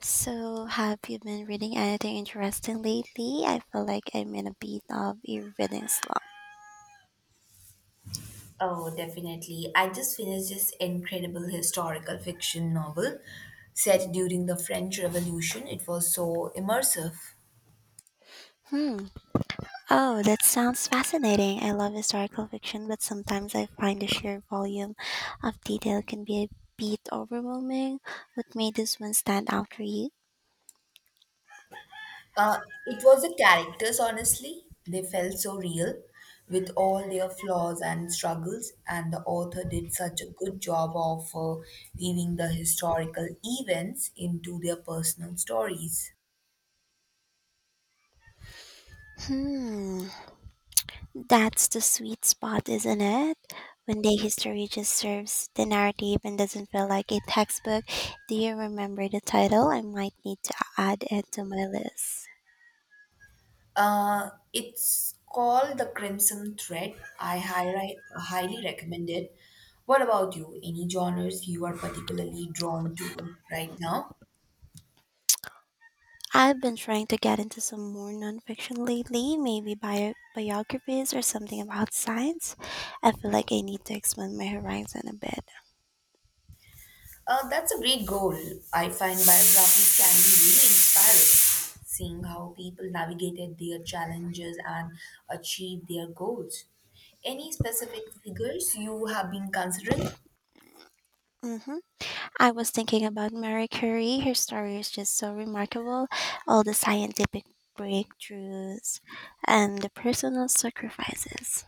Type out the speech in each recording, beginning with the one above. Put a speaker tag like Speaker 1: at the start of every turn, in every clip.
Speaker 1: So, have you been reading anything interesting lately? I feel like I'm in a bit of a reading slump.
Speaker 2: Oh, definitely. I just finished this incredible historical fiction novel set during the French Revolution. It was so immersive.
Speaker 1: Hmm. Oh, that sounds fascinating. I love historical fiction, but sometimes I find the sheer volume of detail can be a bit overwhelming. What made this one stand out for you?
Speaker 2: Uh, it was the characters, honestly. They felt so real with all their flaws and struggles, and the author did such a good job of weaving the historical events into their personal stories.
Speaker 1: Hmm. That's the sweet spot, isn't it? When the history just serves the narrative and doesn't feel like a textbook. Do you remember the title? I might need to add it to my list.
Speaker 2: It's called The Crimson Thread. I highly, highly recommend it. What about you? Any genres you are particularly drawn to right now?
Speaker 1: I've been trying to get into some more nonfiction lately, maybe biographies or something about science. I feel like I need to expand my horizon a bit.
Speaker 2: That's a great goal. I find biographies can be really inspiring, seeing how people navigated their challenges and achieved their goals. Any specific figures you have been considering?
Speaker 1: Hmm. I was thinking about Marie Curie. Her story is just so remarkable. All the scientific breakthroughs and the personal sacrifices.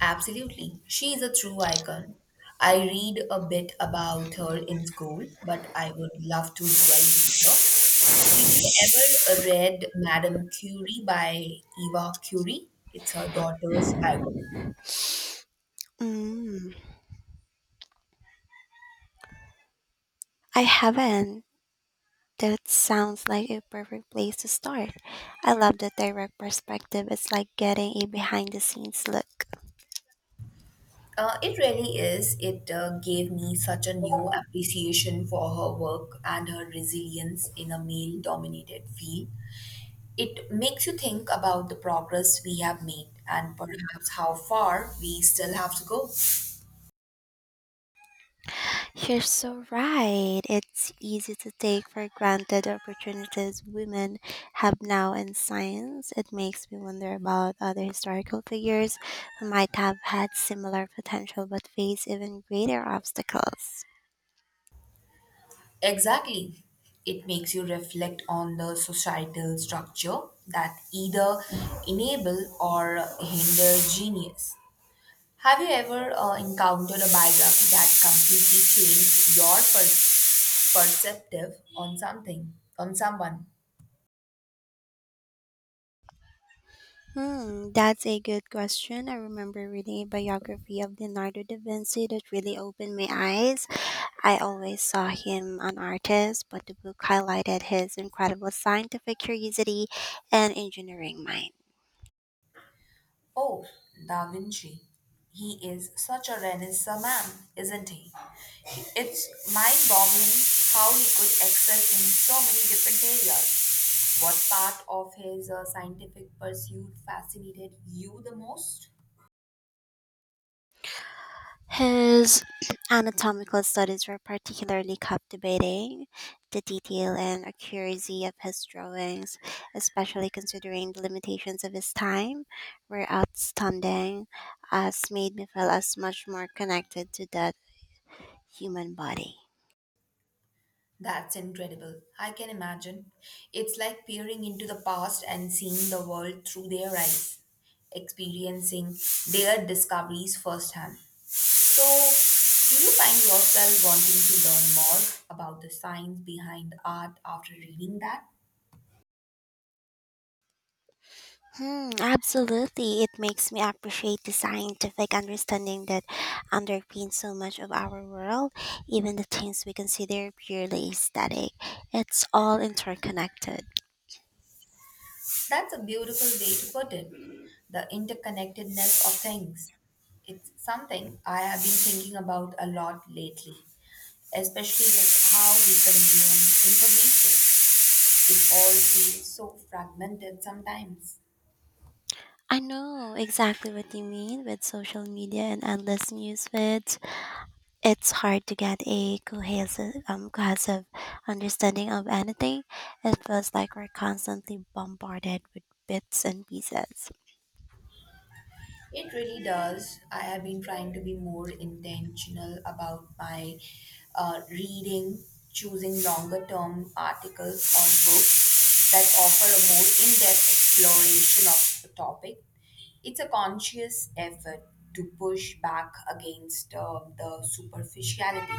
Speaker 2: Absolutely. She is a true icon. I read a bit about her in school, but I would love to delve deeper. Did you ever read Madame Curie by Eva Curie? It's her daughter's biography.
Speaker 1: Mm, I haven't. That sounds like a perfect place to start. I love the direct perspective. It's like getting a behind the scenes look.
Speaker 2: It really is. It gave me such a new appreciation for her work and her resilience in a male dominated field. It makes you think about the progress we have made and perhaps how far we still have to go.
Speaker 1: You're so right. It's easy to take for granted the opportunities women have now in science. It makes me wonder about other historical figures who might have had similar potential but face even greater obstacles.
Speaker 2: Exactly. It makes you reflect on the societal structure that either enable or hinder genius. Have you ever encountered a biography that completely changed your perspective on something, on someone?
Speaker 1: Hmm, that's a good question. I remember reading a biography of Leonardo da Vinci that really opened my eyes. I always saw him an artist, but the book highlighted his incredible scientific curiosity and engineering mind.
Speaker 2: Oh, Da Vinci. He is such a Renaissance man, isn't he? It's mind boggling how he could excel in so many different areas. What part of his scientific pursuit fascinated you the most?
Speaker 1: His anatomical studies were particularly captivating. The detail and accuracy of his drawings, especially considering the limitations of his time, were outstanding, as made me feel as much more connected to that human body.
Speaker 2: That's incredible. I can imagine. It's like peering into the past and seeing the world through their eyes, experiencing their discoveries firsthand. So, do you find yourself wanting to learn more about the science behind art after reading that?
Speaker 1: Hmm, absolutely. It makes me appreciate the scientific understanding that underpins so much of our world, even the things we consider purely aesthetic. It's all interconnected.
Speaker 2: That's a beautiful way to put it. The interconnectedness of things. It's something I have been thinking about a lot lately, especially with how we consume information. It all feels so fragmented sometimes.
Speaker 1: I know exactly what you mean with social media and endless news feeds. It's hard to get a cohesive understanding of anything. It feels like we're constantly bombarded with bits and pieces.
Speaker 2: It really does. I have been trying to be more intentional about my reading, choosing longer term articles or books that offer a more in depth exploration of a topic. It's a conscious effort to push back against the superficiality.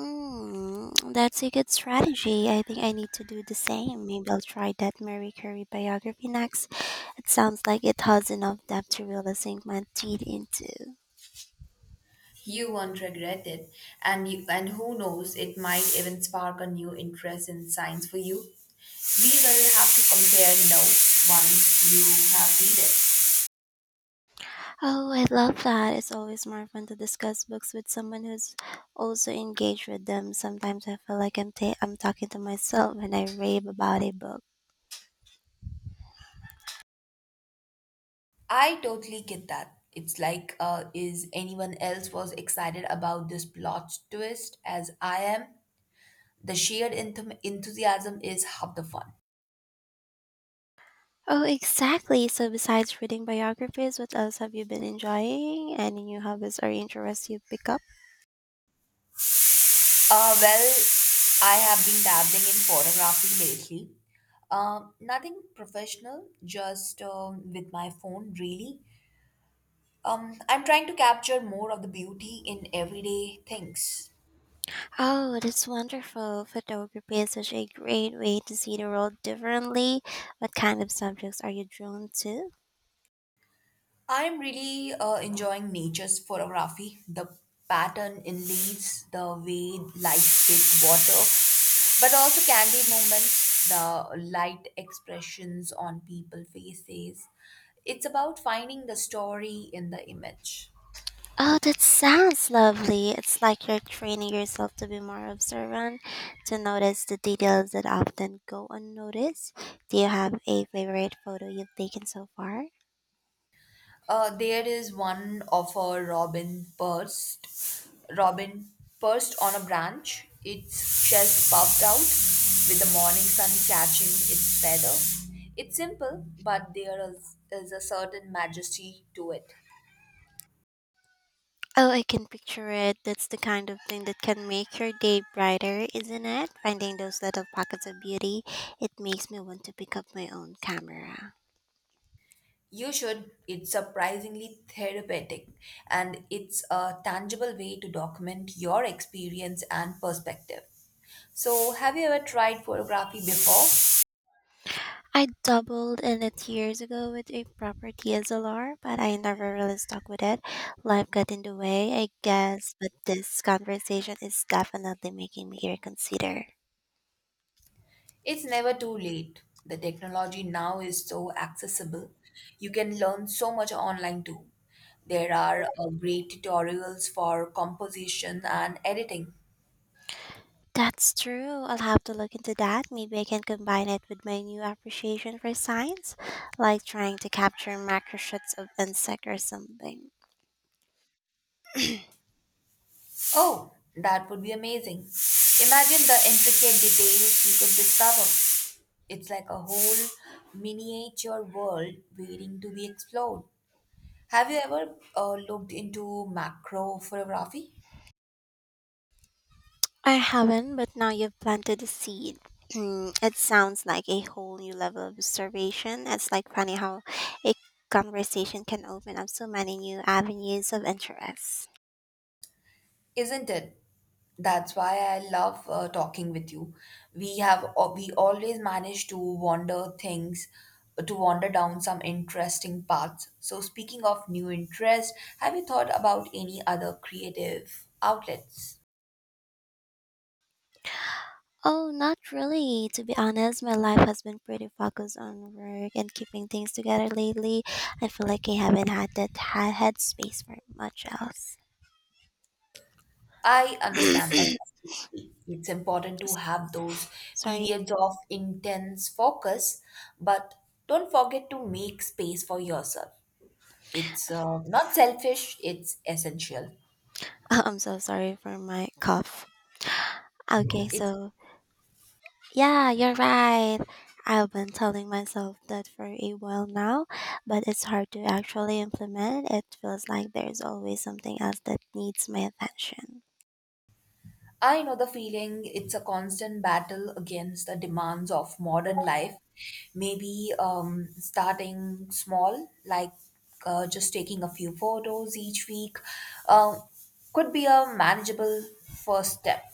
Speaker 1: Mm, that's a good strategy. I think I need to do the same. Maybe I'll try that Marie Curie biography next. It sounds like it has enough depth to really sink my teeth into.
Speaker 2: You won't regret it, and you, and who knows, it might even spark a new interest in science for you. Be well have to compare notes once you have read it.
Speaker 1: Oh, I love that. It's always more fun to discuss books with someone who's also engaged with them. Sometimes I feel like I'm talking to myself when I rave about a book.
Speaker 2: I totally get that. It's like, is anyone else was excited about this plot twist as I am? The shared enthusiasm is half the fun.
Speaker 1: Oh, exactly. So, besides reading biographies, what else have you been enjoying? Any new hobbies or interests you pick up?
Speaker 2: Well, I have been dabbling in photography lately. Nothing professional, just with my phone, really. I'm trying to capture more of the beauty in everyday things.
Speaker 1: Oh, that's wonderful. Photography is such a great way to see the world differently. What kind of subjects are you drawn to?
Speaker 2: I'm really enjoying nature's photography. The pattern in leaves, the way light hits water, but also candid moments, the light expressions on people's faces. It's about finding the story in the image.
Speaker 1: Oh, that sounds lovely. It's like you're training yourself to be more observant, to notice the details that often go unnoticed. Do you have a favorite photo you've taken so far?
Speaker 2: There is one of a robin perched on a branch, its shell puffed out, with the morning sun catching its feather. It's simple, but is a certain majesty to it.
Speaker 1: Oh, I can picture it. That's the kind of thing that can make your day brighter, isn't it? Finding those little pockets of beauty, it makes me want to pick up my own camera.
Speaker 2: You should. It's surprisingly therapeutic, and it's a tangible way to document your experience and perspective. So, have you ever tried photography before?
Speaker 1: I doubled in it years ago with a proper DSLR, but I never really stuck with it. Life got in the way, I guess, but this conversation is definitely making me reconsider.
Speaker 2: It's never too late. The technology now is so accessible. You can learn so much online too. There are great tutorials for composition and editing.
Speaker 1: That's true. I'll have to look into that. Maybe I can combine it with my new appreciation for science, like trying to capture macro shots of insect or something.
Speaker 2: Oh, that would be amazing. Imagine the intricate details you could discover. It's like a whole miniature world waiting to be explored. Have you ever looked into macro photography?
Speaker 1: I haven't, but now you've planted the seed. Mm, it sounds like a whole new level of observation. It's like funny how a conversation can open up so many new avenues of interest.
Speaker 2: Isn't it? That's why I love talking with you. We always manage to wander things to wander down some interesting paths. So speaking of new interests, have you thought about any other creative outlets?
Speaker 1: Oh, not really. To be honest, my life has been pretty focused on work and keeping things together lately. I feel like I haven't had space for much else.
Speaker 2: I understand that completely. It's important to have those
Speaker 1: Sorry,
Speaker 2: periods of intense focus, but don't forget to make space for yourself. It's not selfish, it's essential.
Speaker 1: I'm so sorry for my cough. Okay,
Speaker 2: It's
Speaker 1: so yeah, you're right. I've been telling myself that for a while now, but it's hard to actually implement. It feels like there's always something else that needs my attention.
Speaker 2: I know the feeling. It's a constant battle against the demands of modern life. Maybe starting small, like just taking a few photos each week, um, could be a manageable first step.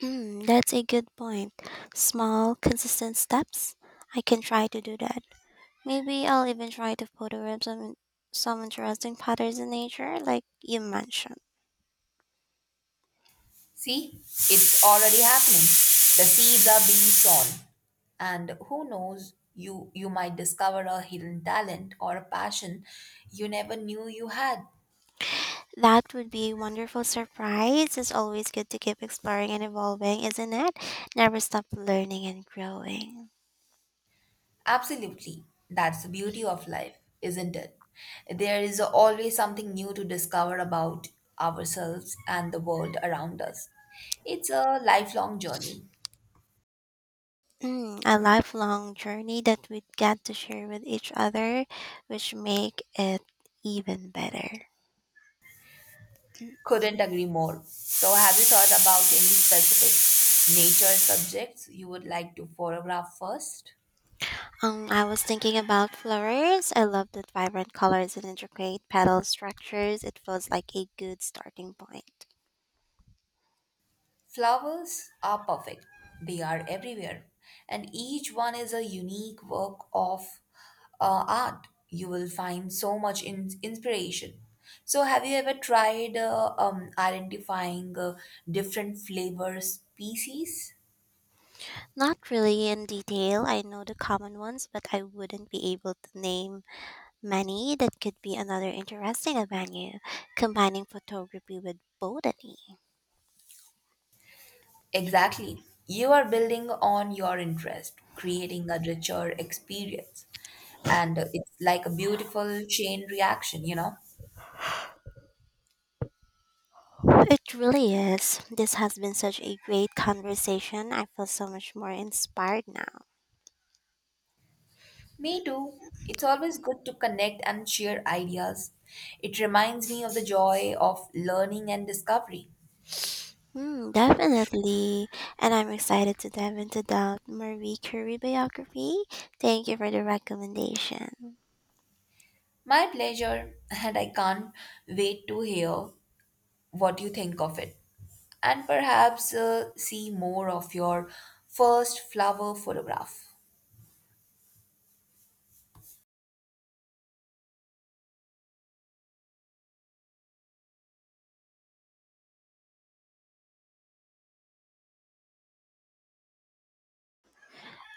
Speaker 1: Mm, that's a good point. Small, consistent steps. I can try to do that. Maybe I'll even try to photograph some interesting patterns in nature, like you mentioned.
Speaker 2: See, it's already happening. The seeds are being sown, and who knows, you might discover a hidden talent or a passion you never knew you had.
Speaker 1: That would be a wonderful surprise. It's always good to keep exploring and evolving, isn't it? Never stop learning and growing.
Speaker 2: Absolutely. That's the beauty of life, isn't it? There is always something new to discover about ourselves and the world around us. It's a lifelong journey.
Speaker 1: Mm, a lifelong journey that we get to share with each other, which make it even better.
Speaker 2: Couldn't agree more. So, have you thought about any specific nature subjects you would like to photograph first?
Speaker 1: I was thinking about flowers. I love the vibrant colors and intricate petal structures. It feels like a good starting point.
Speaker 2: Flowers are perfect. They are everywhere, and each one is a unique work of art. You will find so much inspiration. So, have you ever tried identifying different flavor species?
Speaker 1: Not really in detail. I know the common ones, but I wouldn't be able to name many. That could be another interesting avenue, combining photography with botany.
Speaker 2: Exactly. You are building on your interest, creating a richer experience. And it's like a beautiful chain reaction, you know?
Speaker 1: It really is. This has been such a great conversation. I feel so much more inspired now.
Speaker 2: Me too. It's always good to connect and share ideas. It reminds me of the joy of learning and discovery.
Speaker 1: Hmm, definitely. And I'm excited to dive into the Marie Curie biography. Thank you for the recommendation.
Speaker 2: My pleasure, and I can't wait to hear what you think of it. And perhaps see more of your first flower photograph.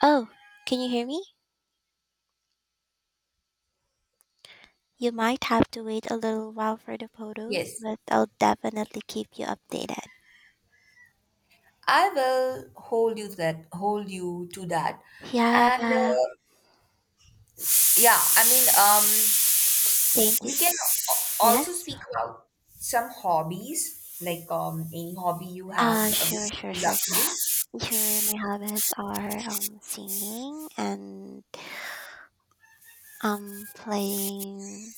Speaker 1: Oh, can you hear me? You might have to wait a little while for the photos,
Speaker 2: Yes,
Speaker 1: but I'll definitely keep you updated.
Speaker 2: I will hold you to that. Hold you to that.
Speaker 1: Yeah,
Speaker 2: And
Speaker 1: thank
Speaker 2: yeah, I mean, um,
Speaker 1: you.
Speaker 2: we can
Speaker 1: Yes?
Speaker 2: also speak about some hobbies, like any hobby you have,
Speaker 1: Sure,
Speaker 2: which
Speaker 1: sure,
Speaker 2: you love
Speaker 1: sure.
Speaker 2: to do.
Speaker 1: Sure, my hobbies are singing and playing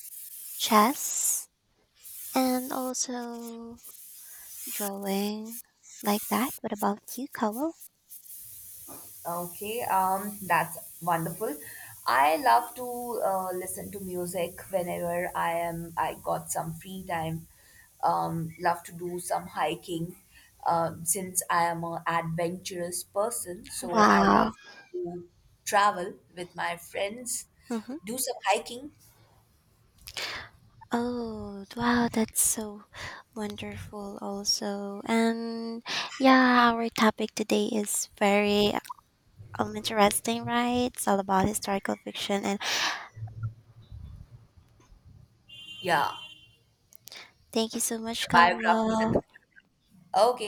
Speaker 1: chess and also drawing like that. What about you, Cowell?
Speaker 2: Okay, that's wonderful. I love to listen to music whenever I am. I got some free time. Love to do some hiking. Since I am an adventurous person, so I
Speaker 1: Wow.
Speaker 2: love to travel with my friends,
Speaker 1: Mm-hmm.
Speaker 2: do some hiking.
Speaker 1: Oh, wow, that's so wonderful, also. And yeah, our topic today is very interesting, right? It's all about historical fiction. And
Speaker 2: Yeah,
Speaker 1: thank you so much,
Speaker 2: the biographies and
Speaker 1: Kawa.
Speaker 2: okay.